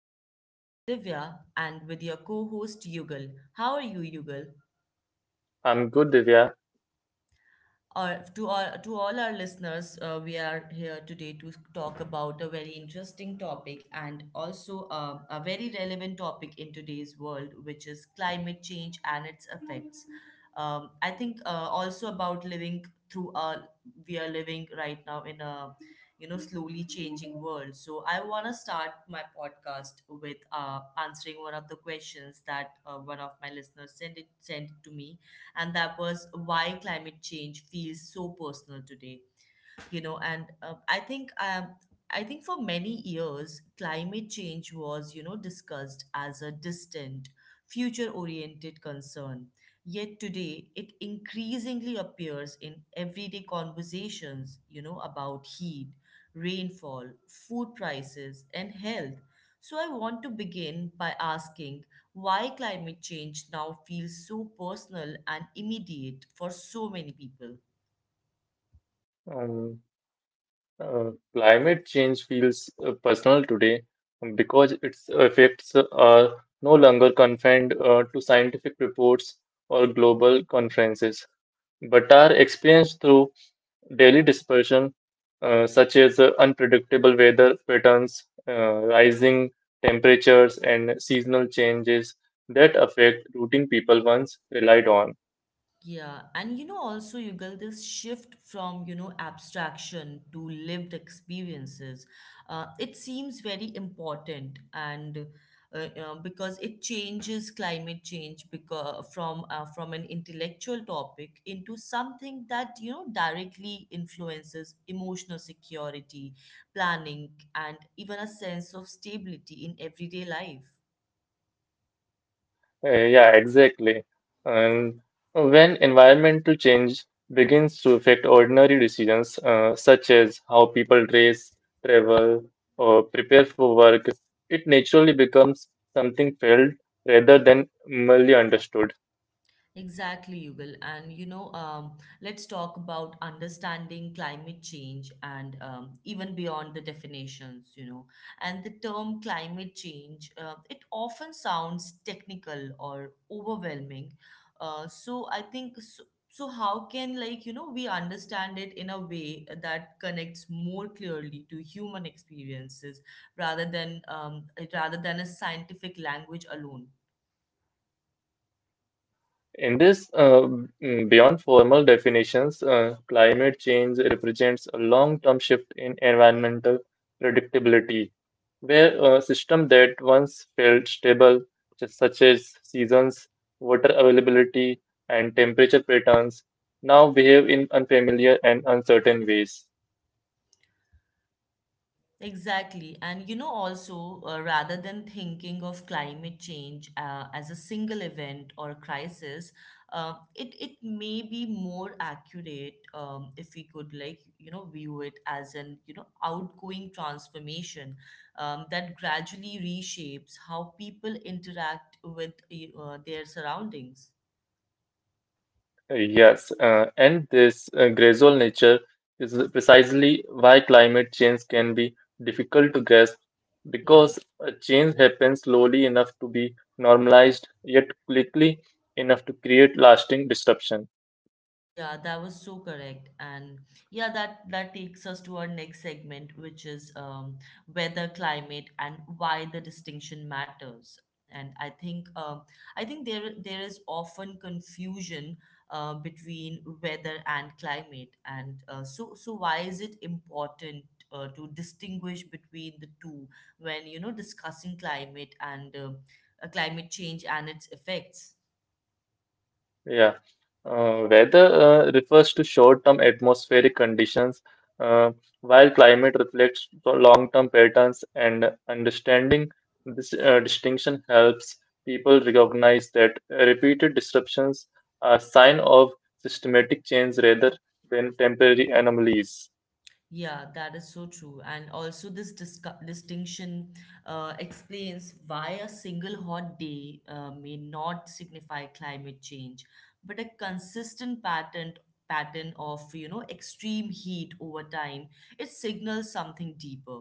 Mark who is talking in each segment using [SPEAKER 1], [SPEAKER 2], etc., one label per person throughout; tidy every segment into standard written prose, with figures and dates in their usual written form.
[SPEAKER 1] I'm your host Divya and with your co host Yugal. How are you, Yugal?
[SPEAKER 2] I'm good, Divya.
[SPEAKER 1] Or to all our listeners, we are here today to talk about a very interesting topic and also a very relevant topic in today's world, which is climate change and its effects. I think also about living through a We are living right now in a slowly changing world. So I want to start my podcast with answering one of the questions that one of my listeners sent to me, and that was, why climate change feels so personal today? You know and I think for many years climate change was discussed as a distant, future oriented concern, yet today it increasingly appears in everyday conversations about heat, rainfall, food prices and health. So I want to begin by asking, why climate change now feels so personal and immediate for so many people?
[SPEAKER 2] Um, Climate change feels personal today because its effects are no longer confined to scientific reports or global conferences, but are experienced through daily dispersion, such as unpredictable weather patterns, rising temperatures, and seasonal changes that affect routine people once relied on.
[SPEAKER 1] Yeah, and you know, also, Yugal, this shift from, you know, abstraction to lived experiences, it seems very important, and because it changes climate change because from an intellectual topic into something that, you know, directly influences emotional security, planning, and even a sense of stability in everyday life.
[SPEAKER 2] Yeah, exactly. And when environmental change begins to affect ordinary decisions, such as how people dress, travel, or prepare for work, it naturally becomes something felt rather than merely understood.
[SPEAKER 1] Exactly, Yugal. And you know, let's talk about understanding climate change and even beyond the definitions, you know. And the term climate change, it often sounds technical or overwhelming. So I think so how can, like, you know, we understand it in a way that connects more clearly to human experiences rather than um, rather than a scientific language alone?
[SPEAKER 2] In this uh, Beyond formal definitions, climate change represents a long-term shift in environmental predictability, where a system that once felt stable, such as seasons, water availability, and temperature patterns, now behave in unfamiliar and uncertain ways.
[SPEAKER 1] Exactly. And you know, also, rather than thinking of climate change as a single event or crisis, it may be more accurate, if we could, like, you know, view it as an, you know, outgoing transformation that gradually reshapes how people interact with their surroundings.
[SPEAKER 2] Yes, and this gradual nature is precisely why climate change can be difficult to grasp
[SPEAKER 1] Yeah.
[SPEAKER 2] because change happens slowly enough to be normalized, yet quickly enough to create lasting disruption.
[SPEAKER 1] Yeah, that was so correct. And yeah, that that takes us to our next segment, which is weather, climate, and why the distinction matters. And I think there is often confusion between weather and climate. And so why is it important to distinguish between the two when, you know, discussing climate and climate change and its effects?
[SPEAKER 2] Yeah. Weather refers to short-term atmospheric conditions, uh, while climate reflects the long-term patterns, and understanding this distinction helps people recognize that repeated disruptions are a sign of systematic change rather than temporary anomalies.
[SPEAKER 1] Yeah, that is so true. And also, this distinction explains why a single hot day may not signify climate change, but a consistent pattern of, you know, extreme heat over time, it signals something deeper.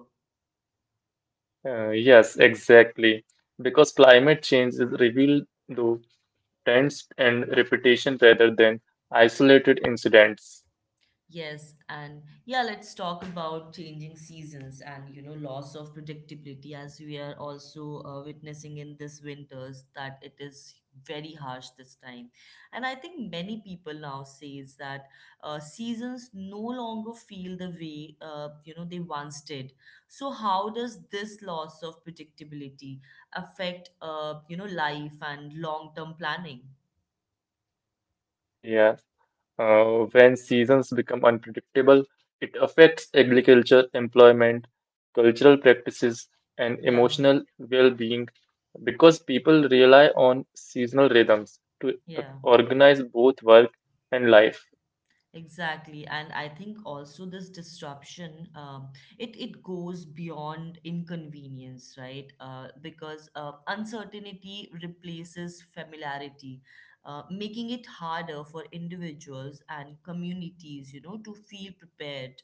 [SPEAKER 2] Yes, exactly. Because climate change is revealed through trends and repetition rather than isolated incidents.
[SPEAKER 1] Yes, and yeah, let's talk about changing seasons and, you know, loss of predictability, as we are also witnessing in this winters, that it is very harsh this time. And I think many people now says that seasons no longer feel the way you know they once did. So how does this loss of predictability affect you know life and long-term planning?
[SPEAKER 2] Yeah. When seasons become unpredictable, it affects agriculture, employment, cultural practices, and
[SPEAKER 1] Yeah,
[SPEAKER 2] emotional well being, because people rely on seasonal rhythms to
[SPEAKER 1] yeah.
[SPEAKER 2] organize both work and life.
[SPEAKER 1] Exactly, and I think also this disruption, it it goes beyond inconvenience, right? Because uncertainty replaces familiarity, making it harder for individuals and communities, you know, to feel prepared.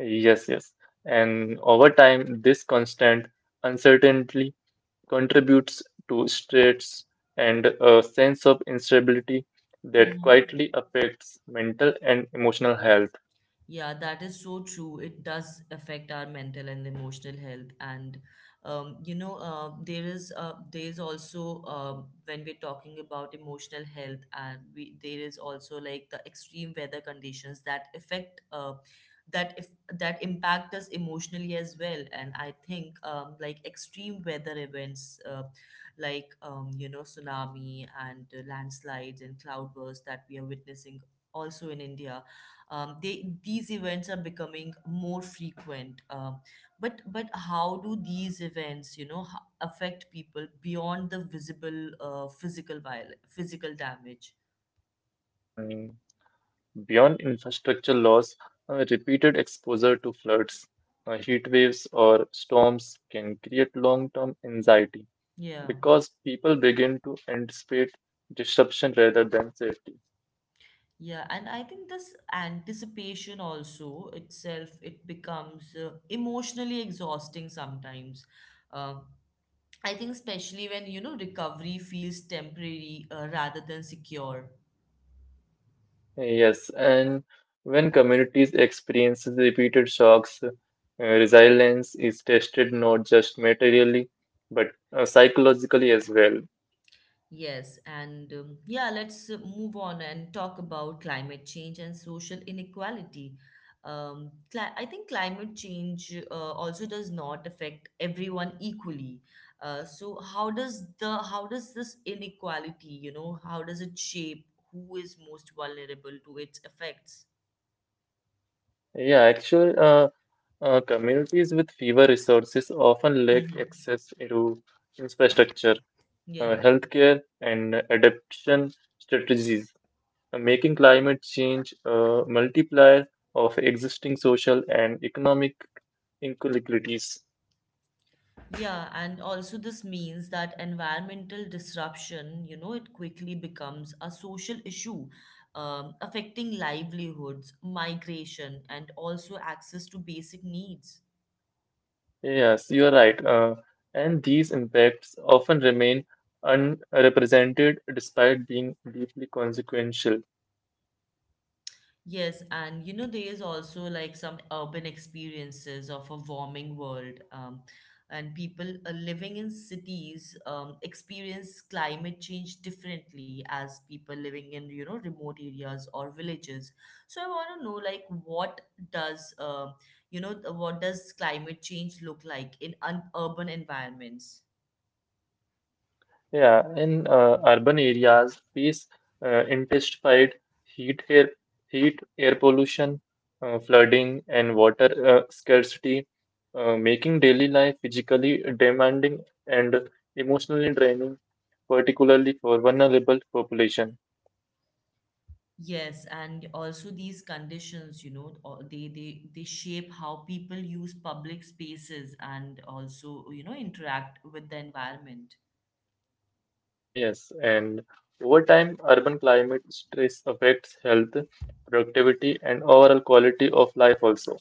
[SPEAKER 2] Yes, yes. And over time, this constant uncertainty contributes to stress and a sense of instability that
[SPEAKER 1] Hmm.
[SPEAKER 2] quietly affects mental and emotional health.
[SPEAKER 1] Yeah, that is so true. It does affect our mental and emotional health. And you know, there is also when we're talking about emotional health, and we there is also like the extreme weather conditions that affect that if that impact us emotionally as well. And I think like extreme weather events, you know, tsunami and landslides and cloudbursts that we are witnessing also in India, they these events are becoming more frequent, but how do these events, you know, affect people beyond the visible physical physical damage?
[SPEAKER 2] Mm. Beyond infrastructure loss, repeated exposure to floods, heat waves, or storms can create long term anxiety
[SPEAKER 1] Yeah.
[SPEAKER 2] because people begin to anticipate disruption rather than safety.
[SPEAKER 1] Yeah, and I think this anticipation also itself it becomes emotionally exhausting sometimes, um, I think especially when, you know, recovery feels temporary rather than secure.
[SPEAKER 2] Yes, and when communities experience repeated shocks, resilience is tested not just materially but psychologically as well.
[SPEAKER 1] Yes, and yeah, let's move on and talk about climate change and social inequality. Cli I think climate change also does not affect everyone equally. So how does this inequality, you know, how does it shape who is most vulnerable to its effects?
[SPEAKER 2] Yeah, actually, uh, Communities with fewer resources often lack
[SPEAKER 1] Mm-hmm.
[SPEAKER 2] access to infrastructure,
[SPEAKER 1] Yeah.
[SPEAKER 2] healthcare, and adaptation strategies, making climate change a multiplier of existing social and economic inequalities.
[SPEAKER 1] Yeah, and also this means that environmental disruption, you know, it quickly becomes a social issue, affecting livelihoods, migration, and also access to basic needs.
[SPEAKER 2] Yes, you are right. And these impacts often remain unrepresented despite being deeply consequential.
[SPEAKER 1] Yes, and you know, there is also like some urban experiences of a warming world, and people living in cities experience climate change differently as people living in, you know, remote areas or villages. So I want to know, like, what does, you know, what does climate change look like in un urban environments?
[SPEAKER 2] Yeah, in Urban areas face intensified heat, air, heat, air pollution, flooding, and water scarcity, making daily life physically demanding and emotionally draining, particularly for vulnerable population.
[SPEAKER 1] Yes, and also these conditions, you know, they shape how people use public spaces and also, you know, interact with the environment.
[SPEAKER 2] Yes, and over time, urban climate stress affects health, productivity, and overall quality of life also.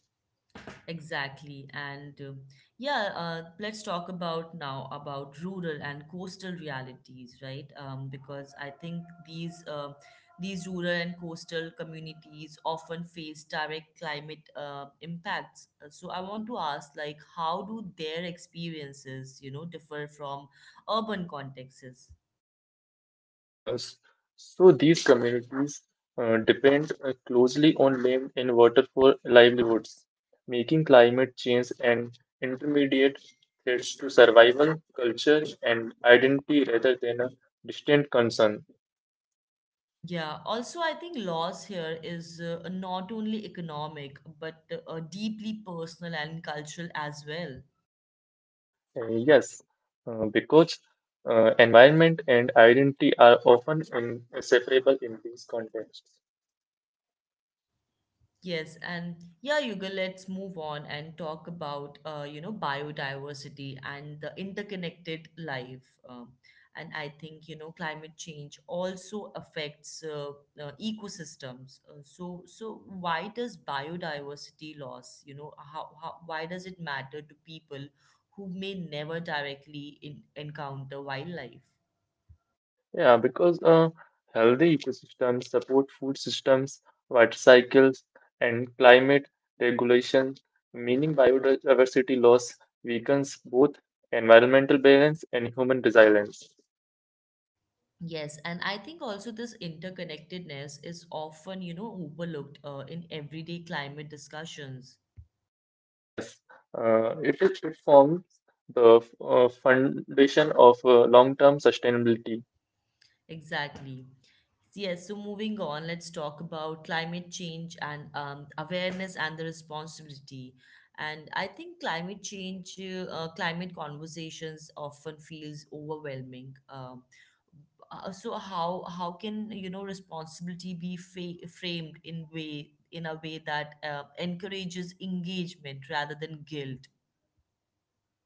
[SPEAKER 1] Exactly. And yeah, let's talk about now about rural and coastal realities, right? Because I think these rural and coastal communities often face direct climate impacts. So I want to ask, like, how do their experiences, you know, differ from urban contexts?
[SPEAKER 2] Uh, s- so these communities depend closely on land and water for livelihoods, making climate change an intermediate threat to survival, culture, and identity rather than a distant concern.
[SPEAKER 1] Yeah, also, I think loss here is not only economic but deeply personal and cultural as well.
[SPEAKER 2] Uh, yes, because environment and identity are often inseparable in these contexts.
[SPEAKER 1] Yes, and yeah, Yuga, let's move on and talk about you know, biodiversity and the interconnected life. And I think, you know, climate change also affects ecosystems. So, so why does biodiversity loss, you know, why does it matter to people who may never directly encounter wildlife?
[SPEAKER 2] Yeah, because healthy ecosystems support food systems, water cycles, and climate regulation, meaning biodiversity loss weakens both environmental balance and human resilience.
[SPEAKER 1] Yes, and I think also this interconnectedness is often, you know, overlooked in everyday climate discussions.
[SPEAKER 2] Yes, it forms the foundation of long-term sustainability.
[SPEAKER 1] Exactly. So, yes, so moving on, let's talk about climate change and awareness and the responsibility. And I think climate change, climate conversations often feels overwhelming. So how can, you know, responsibility be framed in way in a way that encourages engagement rather than guilt?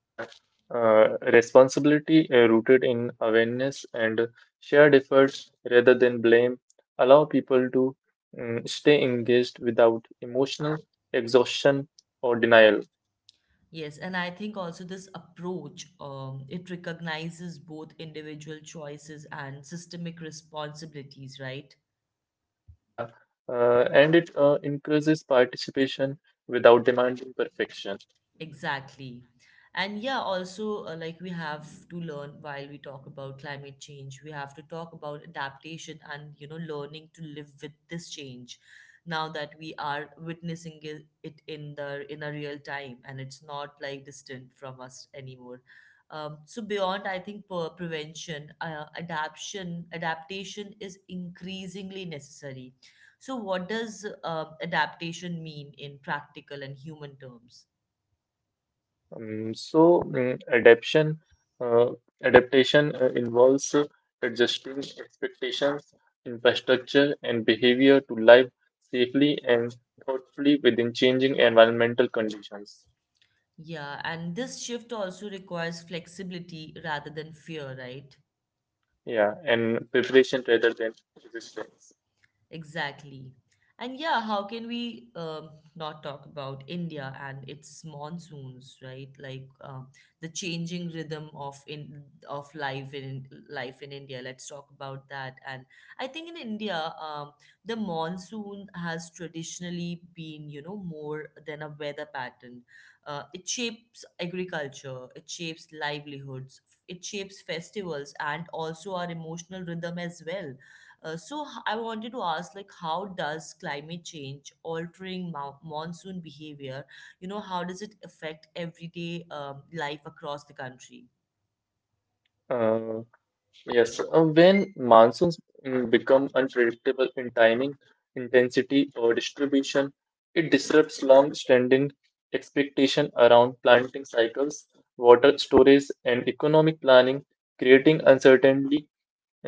[SPEAKER 2] Yeah, Responsibility rooted in awareness and shared efforts rather than blame allow people to stay engaged without emotional exhaustion or denial.
[SPEAKER 1] Yes and I think also this approach it recognizes both individual choices and systemic responsibilities, right?
[SPEAKER 2] Yeah, and it increases participation without demanding perfection.
[SPEAKER 1] Exactly. And yeah, also, like we have to learn, while we talk about climate change, we have to talk about adaptation and, you know, learning to live with this change now that we are witnessing it, in a real time and it's not like distant from us anymore. So beyond, I think per prevention, adaptation is increasingly necessary. So what does adaptation mean in practical and human terms?
[SPEAKER 2] Um, so mm, adaptation uh, Adaptation involves adjusting expectations, infrastructure, and behavior to live safely and thoughtfully within changing environmental conditions.
[SPEAKER 1] Yeah, and this shift also requires flexibility rather than fear, right?
[SPEAKER 2] Yeah, and preparation rather than resistance.
[SPEAKER 1] Exactly. And yeah, how can we not talk about India and its monsoons, right? Like the changing rhythm of life in India. Let's talk about that. And I think in India, the monsoon has traditionally been, you know, more than a weather pattern. It shapes agriculture. It shapes livelihoods. It shapes festivals and also our emotional rhythm as well. I wanted to ask, like, how does climate change altering monsoon behavior, you know, how does it affect everyday life across the country?
[SPEAKER 2] Uh, Yes, when monsoons become unpredictable in timing, intensity, or distribution, it disrupts long-standing expectation around planting cycles, water storage, and economic planning, creating uncertainty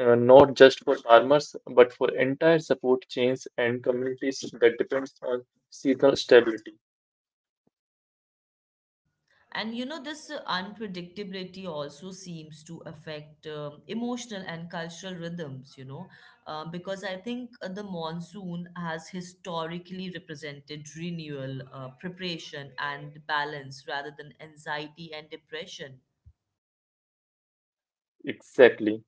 [SPEAKER 2] not just for farmers but for entire support chains and communities that depends on seasonal stability.
[SPEAKER 1] And you know, this unpredictability also seems to affect emotional and cultural rhythms, you know, because I think the monsoon has historically represented renewal, preparation, and balance rather than anxiety and depression.
[SPEAKER 2] Exactly.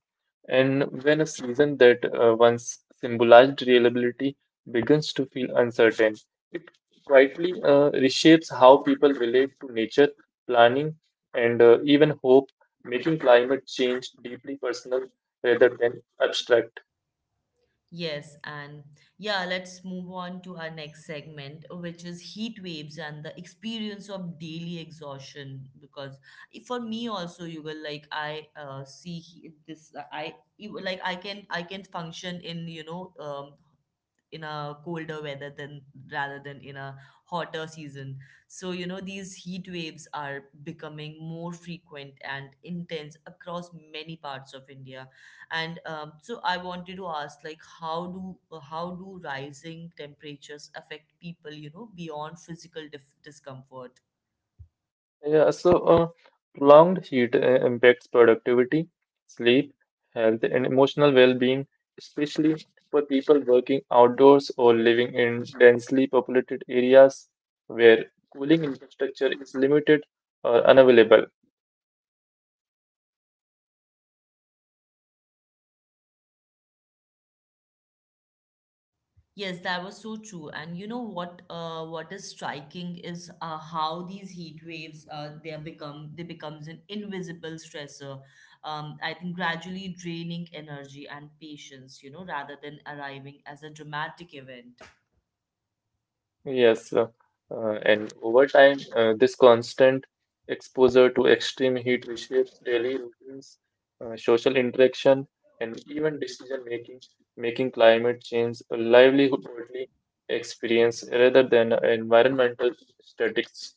[SPEAKER 2] And when a season that once symbolized reliability begins to feel uncertain, it quietly reshapes how people relate to nature, planning, and even hope, making climate change deeply personal rather than abstract.
[SPEAKER 1] Yes, and yeah, let's move on to our next segment, which is heat waves and the experience of daily exhaustion. Because for me also, you will like I see he- this. I you will, like, I can function in, you know, in a colder weather than rather than in a hotter season. So you know these heat waves are becoming more frequent and intense across many parts of India, and so I wanted to ask like, how do rising temperatures affect people, you know, beyond physical discomfort?
[SPEAKER 2] Yeah, so uh, Prolonged heat impacts productivity, sleep, health, and emotional well-being, especially for people working outdoors or living in densely populated areas where cooling infrastructure is limited or unavailable.
[SPEAKER 1] Yes, that was so true. And you know what? What is striking is how these heat waves they becomes an invisible stressor. I think gradually draining energy and patience, you know, rather than arriving as a dramatic event.
[SPEAKER 2] Yes, uh, and over time, this constant exposure to extreme heat reshapes daily routines, social interaction, and even decision making, making climate change a livelihood-only experience rather than an environmental statistics.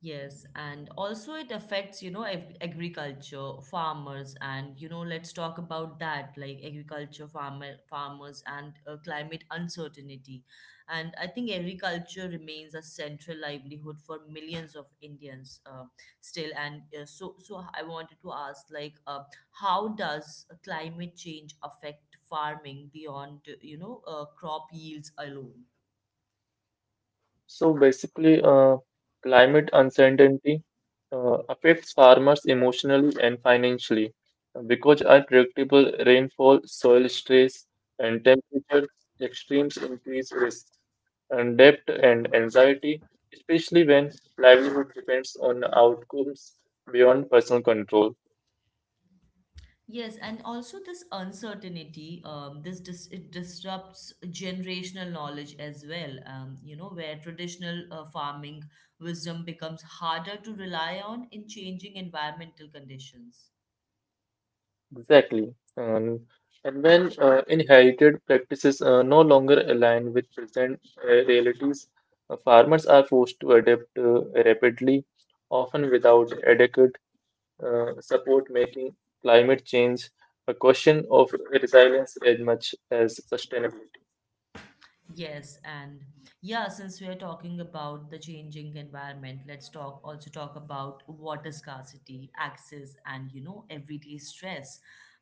[SPEAKER 1] Yes, and also it affects, you know, agriculture, farmers, and you know, let's talk about that, like agriculture, farmers, and climate uncertainty. And I think agriculture remains a central livelihood for millions of Indians still. And so I wanted to ask, like, how does climate change affect farming beyond, you know, crop yields alone?
[SPEAKER 2] So basically, uh, Climate uncertainty affects farmers emotionally and financially because unpredictable rainfall, soil stress, and temperature extremes increase risk and debt and anxiety, especially when livelihood depends on outcomes beyond personal control.
[SPEAKER 1] Yes, and also this uncertainty, this dis it disrupts generational knowledge as well. Where traditional farming wisdom becomes harder to rely on in changing environmental conditions.
[SPEAKER 2] Exactly. And when inherited practices no longer align with present realities, farmers are forced to adapt rapidly, often without adequate support, making climate change a question of resilience as much as sustainability.
[SPEAKER 1] Yes, and yeah, since we are talking about the changing environment, let's talk also talk about water scarcity, access, and you know everyday stress,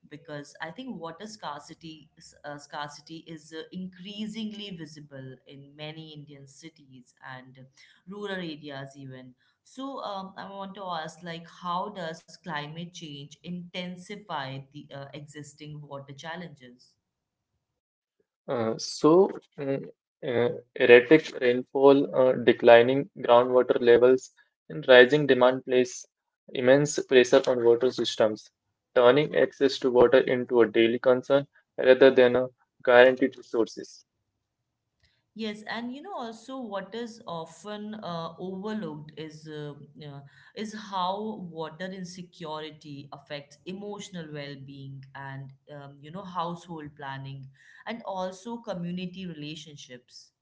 [SPEAKER 1] because I think water scarcity is increasingly visible in many Indian cities and rural areas even. So I want to ask, like, how does climate change intensify the existing water challenges?
[SPEAKER 2] Uh, so, mm, uh, Erratic rainfall, declining groundwater levels, and rising demand place immense pressure on water systems, turning access to water into a daily concern rather than a guaranteed resource.
[SPEAKER 1] Yes, and you know also what is often overlooked uh, is how water insecurity affects emotional well-being and you know household planning and also community relationships.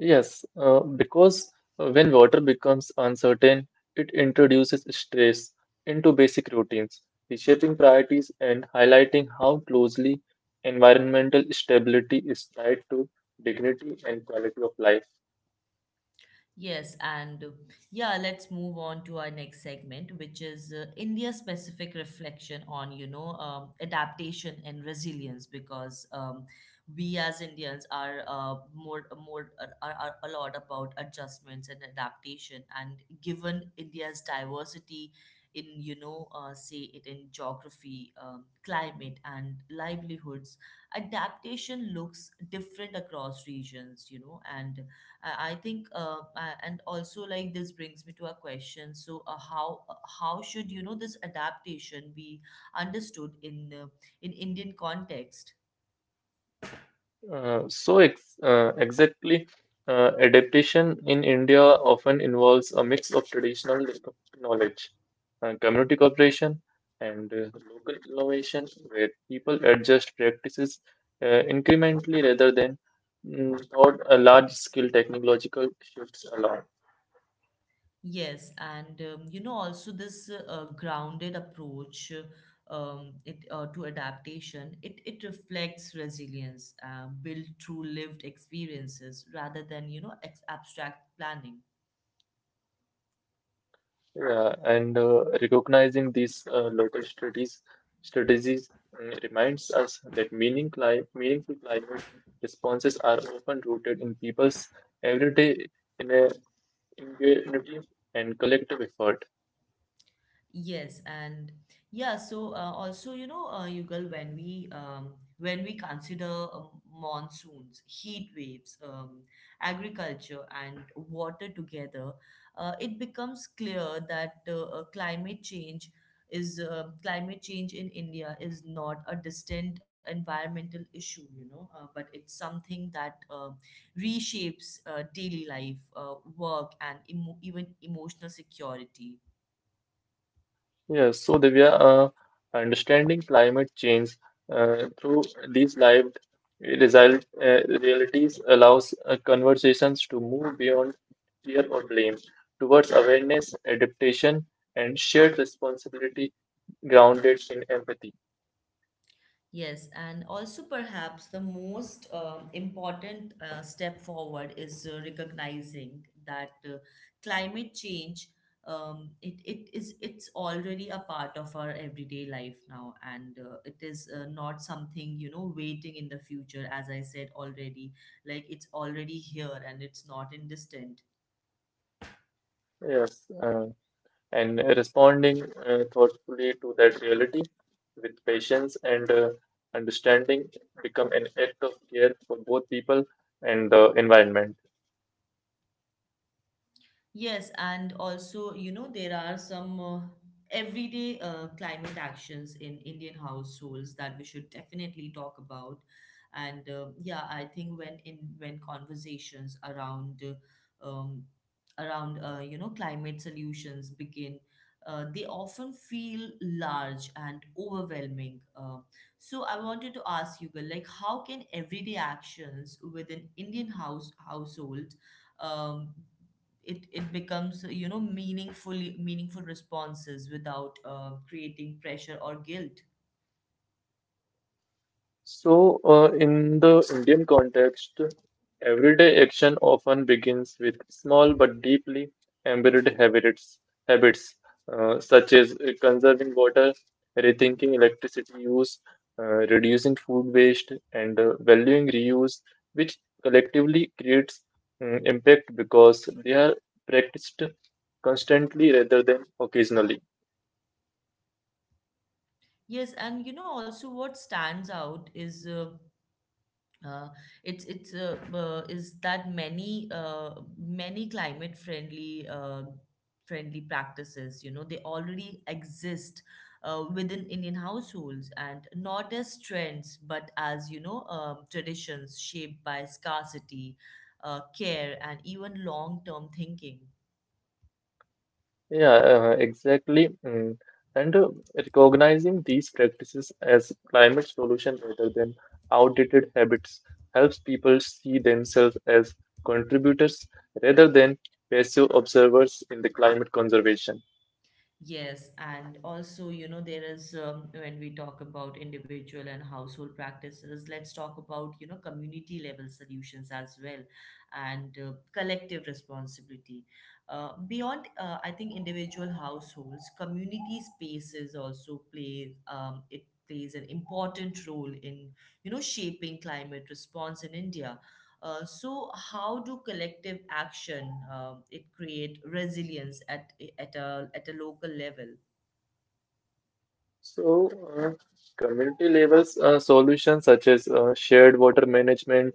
[SPEAKER 2] Yes, because when water becomes uncertain, it introduces stress into basic routines, reshaping priorities and highlighting how closely environmental stability is tied to dignity and quality of life.
[SPEAKER 1] Yes, and uh, yeah, let's move on to our next segment, which is India-specific reflection on, you know, adaptation and resilience, because we as Indians are more more are a lot about adjustments and adaptation, and given India's diversity in, you know, say it in geography, climate, and livelihoods, adaptation looks different across regions, you know, and I think, and also like this brings me to a question. So, how should you know this adaptation be understood in Indian context?
[SPEAKER 2] So ex Exactly, adaptation in India often involves a mix of traditional knowledge, community cooperation, and local innovation, where people adjust practices incrementally rather than thought a large-scale technological shifts along.
[SPEAKER 1] Yes, and you know also this grounded approach it to adaptation. It reflects resilience built through lived experiences rather than you know ex abstract planning.
[SPEAKER 2] Yeah, and Recognizing these local strategies reminds us that meaningful climate responses are often rooted in people's everyday in a, and collective effort.
[SPEAKER 1] Yes, and yeah, so Also, you know, Yugal, when we consider monsoons, heat waves, agriculture, and water together, it becomes clear that climate change in India is not a distant environmental issue, you know, but it's something that reshapes daily life, work, and even emotional security.
[SPEAKER 2] Yes, so Divya, understanding climate change through these lived realities allows conversations to move beyond fear or blame towards awareness, adaptation, and shared responsibility grounded in empathy.
[SPEAKER 1] Yes, and also perhaps the most important step forward is recognizing that climate change it's already a part of our everyday life now, and it is not something you know waiting in the future. As I said already, like it's already here and it's not in distant.
[SPEAKER 2] Yes, uh, and responding thoughtfully to that reality with patience and understanding become an act of care for both people and the environment.
[SPEAKER 1] Yes, and also, you know, there are some everyday climate actions in Indian households that we should definitely talk about. And yeah, I think when conversations around you know climate solutions begin, they often feel large and overwhelming. So I wanted to ask you, Gal, like, how can everyday actions within Indian house household? Um, it becomes you know meaningful responses without creating pressure or guilt.
[SPEAKER 2] In the Indian context, everyday action often begins with small but deeply embedded habits, such as conserving water, rethinking electricity use, reducing food waste, and valuing reuse, which collectively creates impact because they are practiced constantly rather than occasionally.
[SPEAKER 1] Yes, and you know also what stands out is uh, it's is that many climate friendly practices you know they already exist within Indian households and not as trends but as you know traditions shaped by scarcity, care, and even long term thinking.
[SPEAKER 2] Yeah, exactly. Mm. And recognizing these practices as climate solution rather than outdated habits helps people see themselves as contributors rather than passive observers in the climate conservation.
[SPEAKER 1] Yes, and also, you know, there is when we talk about individual and household practices, let's talk about, you know, community level solutions as well and collective responsibility. Beyond I think, individual households, community spaces also play, it plays an important role in, you know, shaping climate response in India. So how do collective action it create resilience at a local level?
[SPEAKER 2] So, uh, Community levels solutions such as shared water management,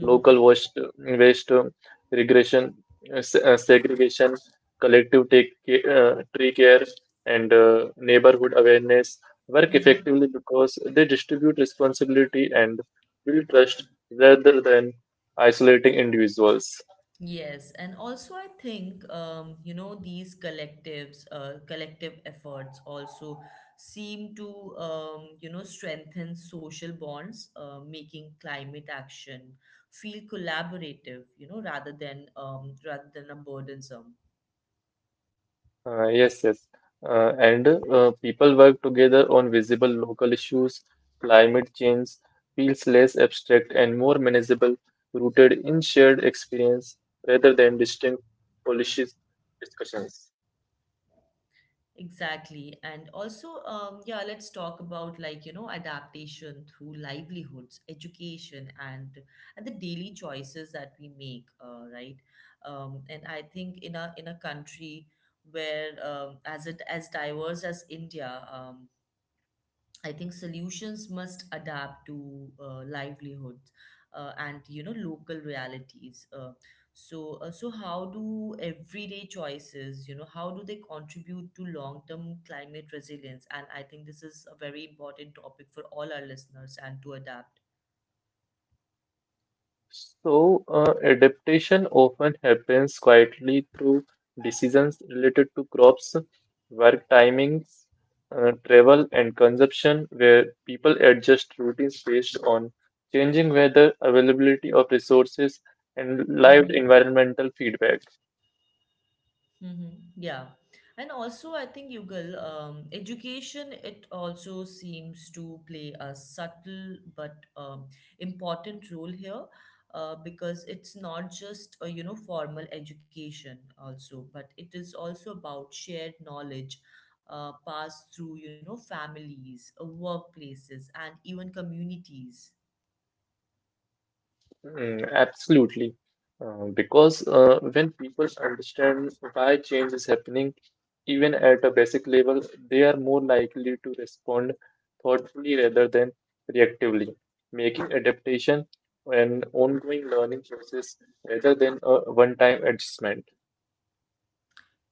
[SPEAKER 2] local waste regression, segregation, collective tree care, and neighborhood awareness work
[SPEAKER 1] Hmm.
[SPEAKER 2] effectively because they distribute responsibility and build trust rather than isolating individuals.
[SPEAKER 1] Yes, and also I think you know these collective efforts also seem to you know strengthen social bonds, making climate action feel collaborative, you know, rather than a burdensome.
[SPEAKER 2] Uh, yes, yes. And people work together on visible local issues. Climate change feels less abstract and more manageable, rooted in shared experience rather than distinct policy discussions.
[SPEAKER 1] Exactly. And also, yeah, let's talk about like, you know, adaptation through livelihoods, education, and the daily choices that we make, right? And I think in a country where as it as diverse as India, I think solutions must adapt to livelihoods and you know local realities. So how do everyday choices you know how do they contribute to long term climate resilience? And I think this is a very important topic for all our listeners and to adapt.
[SPEAKER 2] Adaptation often happens quietly through decisions related to crops, work timings, travel, and consumption, where people adjust routines based on changing weather, availability of resources, and lived
[SPEAKER 1] Mm-hmm.
[SPEAKER 2] environmental feedback.
[SPEAKER 1] Mm-hmm. Yeah. And also, I think, Yugal, education, it also seems to play a subtle but important role here because it's not just a, you know, formal education also, but it is also about shared knowledge passed through, you know, families, workplaces, and even communities.
[SPEAKER 2] Absolutely. Because when people understand why change is happening, even at a basic level, they are more likely to respond thoughtfully rather than reactively, making adaptation an ongoing learning process rather than a one-time adjustment.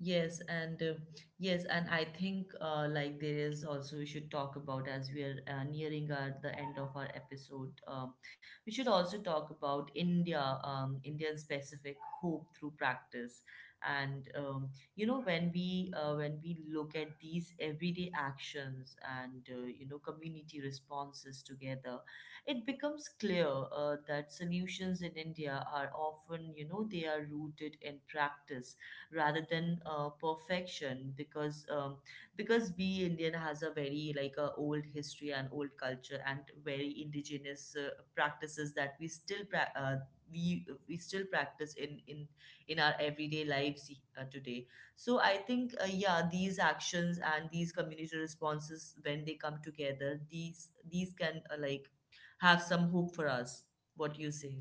[SPEAKER 1] Yes, and uh, yes, and I think like there is also we should talk about as we are nearing our the end of our episode. We should also talk about India, Indian specific hope through practice, and you know when we look at these everyday actions and you know community responses together, it becomes clear that solutions in India are often you know they are rooted in practice rather than perfection because we Indian has a very like a old history and old culture and very indigenous practices that we still we still practice in our everyday lives today. So I think yeah, these actions and these community responses when they come together, these can like have some hope for us. What do you say?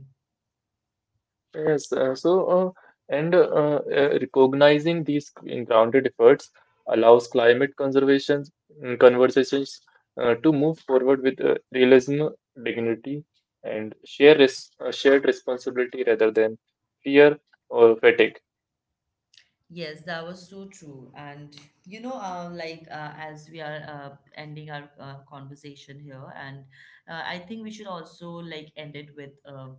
[SPEAKER 2] Yes, so and Recognizing these grounded efforts allows climate conversations to move forward with realism, dignity, and shared responsibility rather than fear or fatigue.
[SPEAKER 1] Yes, that was so true. And you know, as we are ending our conversation here, and I think we should also like end it with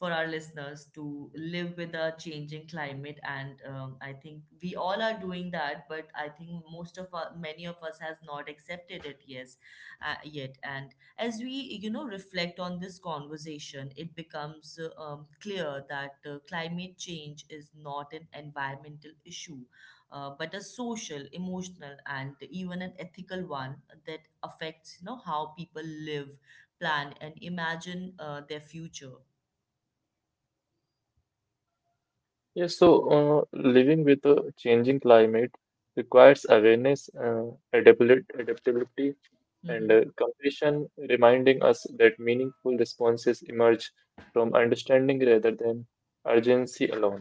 [SPEAKER 1] for our listeners to live with a changing climate. And I think we all are doing that, but I think most of us, many of us, has not accepted it. Yes, yet, and as we, you know, reflect on this conversation, it becomes clear that climate change is not an environmental issue, but a social, emotional, and even an ethical one that affects, you know, how people live, plan, and imagine their future.
[SPEAKER 2] Yes, so Living with a changing climate requires awareness, adaptability, and
[SPEAKER 1] Mhm.
[SPEAKER 2] compassion, reminding us that meaningful responses emerge from understanding rather than urgency alone.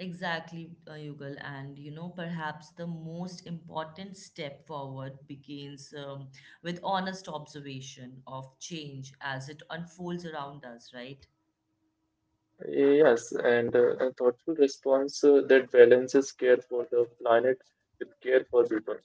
[SPEAKER 1] Exactly, Yugal. And you know, perhaps the most important step forward begins with honest observation of change as it unfolds around us, right?
[SPEAKER 2] Yes, and A thoughtful response that balances care for the planet with care for people.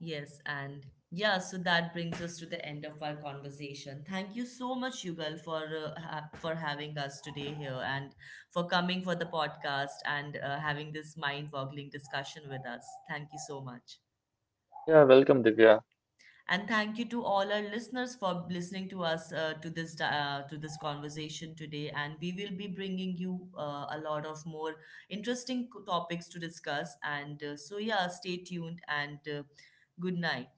[SPEAKER 1] Yes, and yeah, so that brings us to the end of our conversation. Thank you so much, Yugal, for for having us today here and for coming for the podcast and having this mind-boggling discussion with us. Thank you so much.
[SPEAKER 2] Yeah, welcome, Divya.
[SPEAKER 1] And thank you to all our listeners for listening to us to this conversation today. And we will be bringing you a lot of more interesting topics to discuss. And So yeah, stay tuned and good night.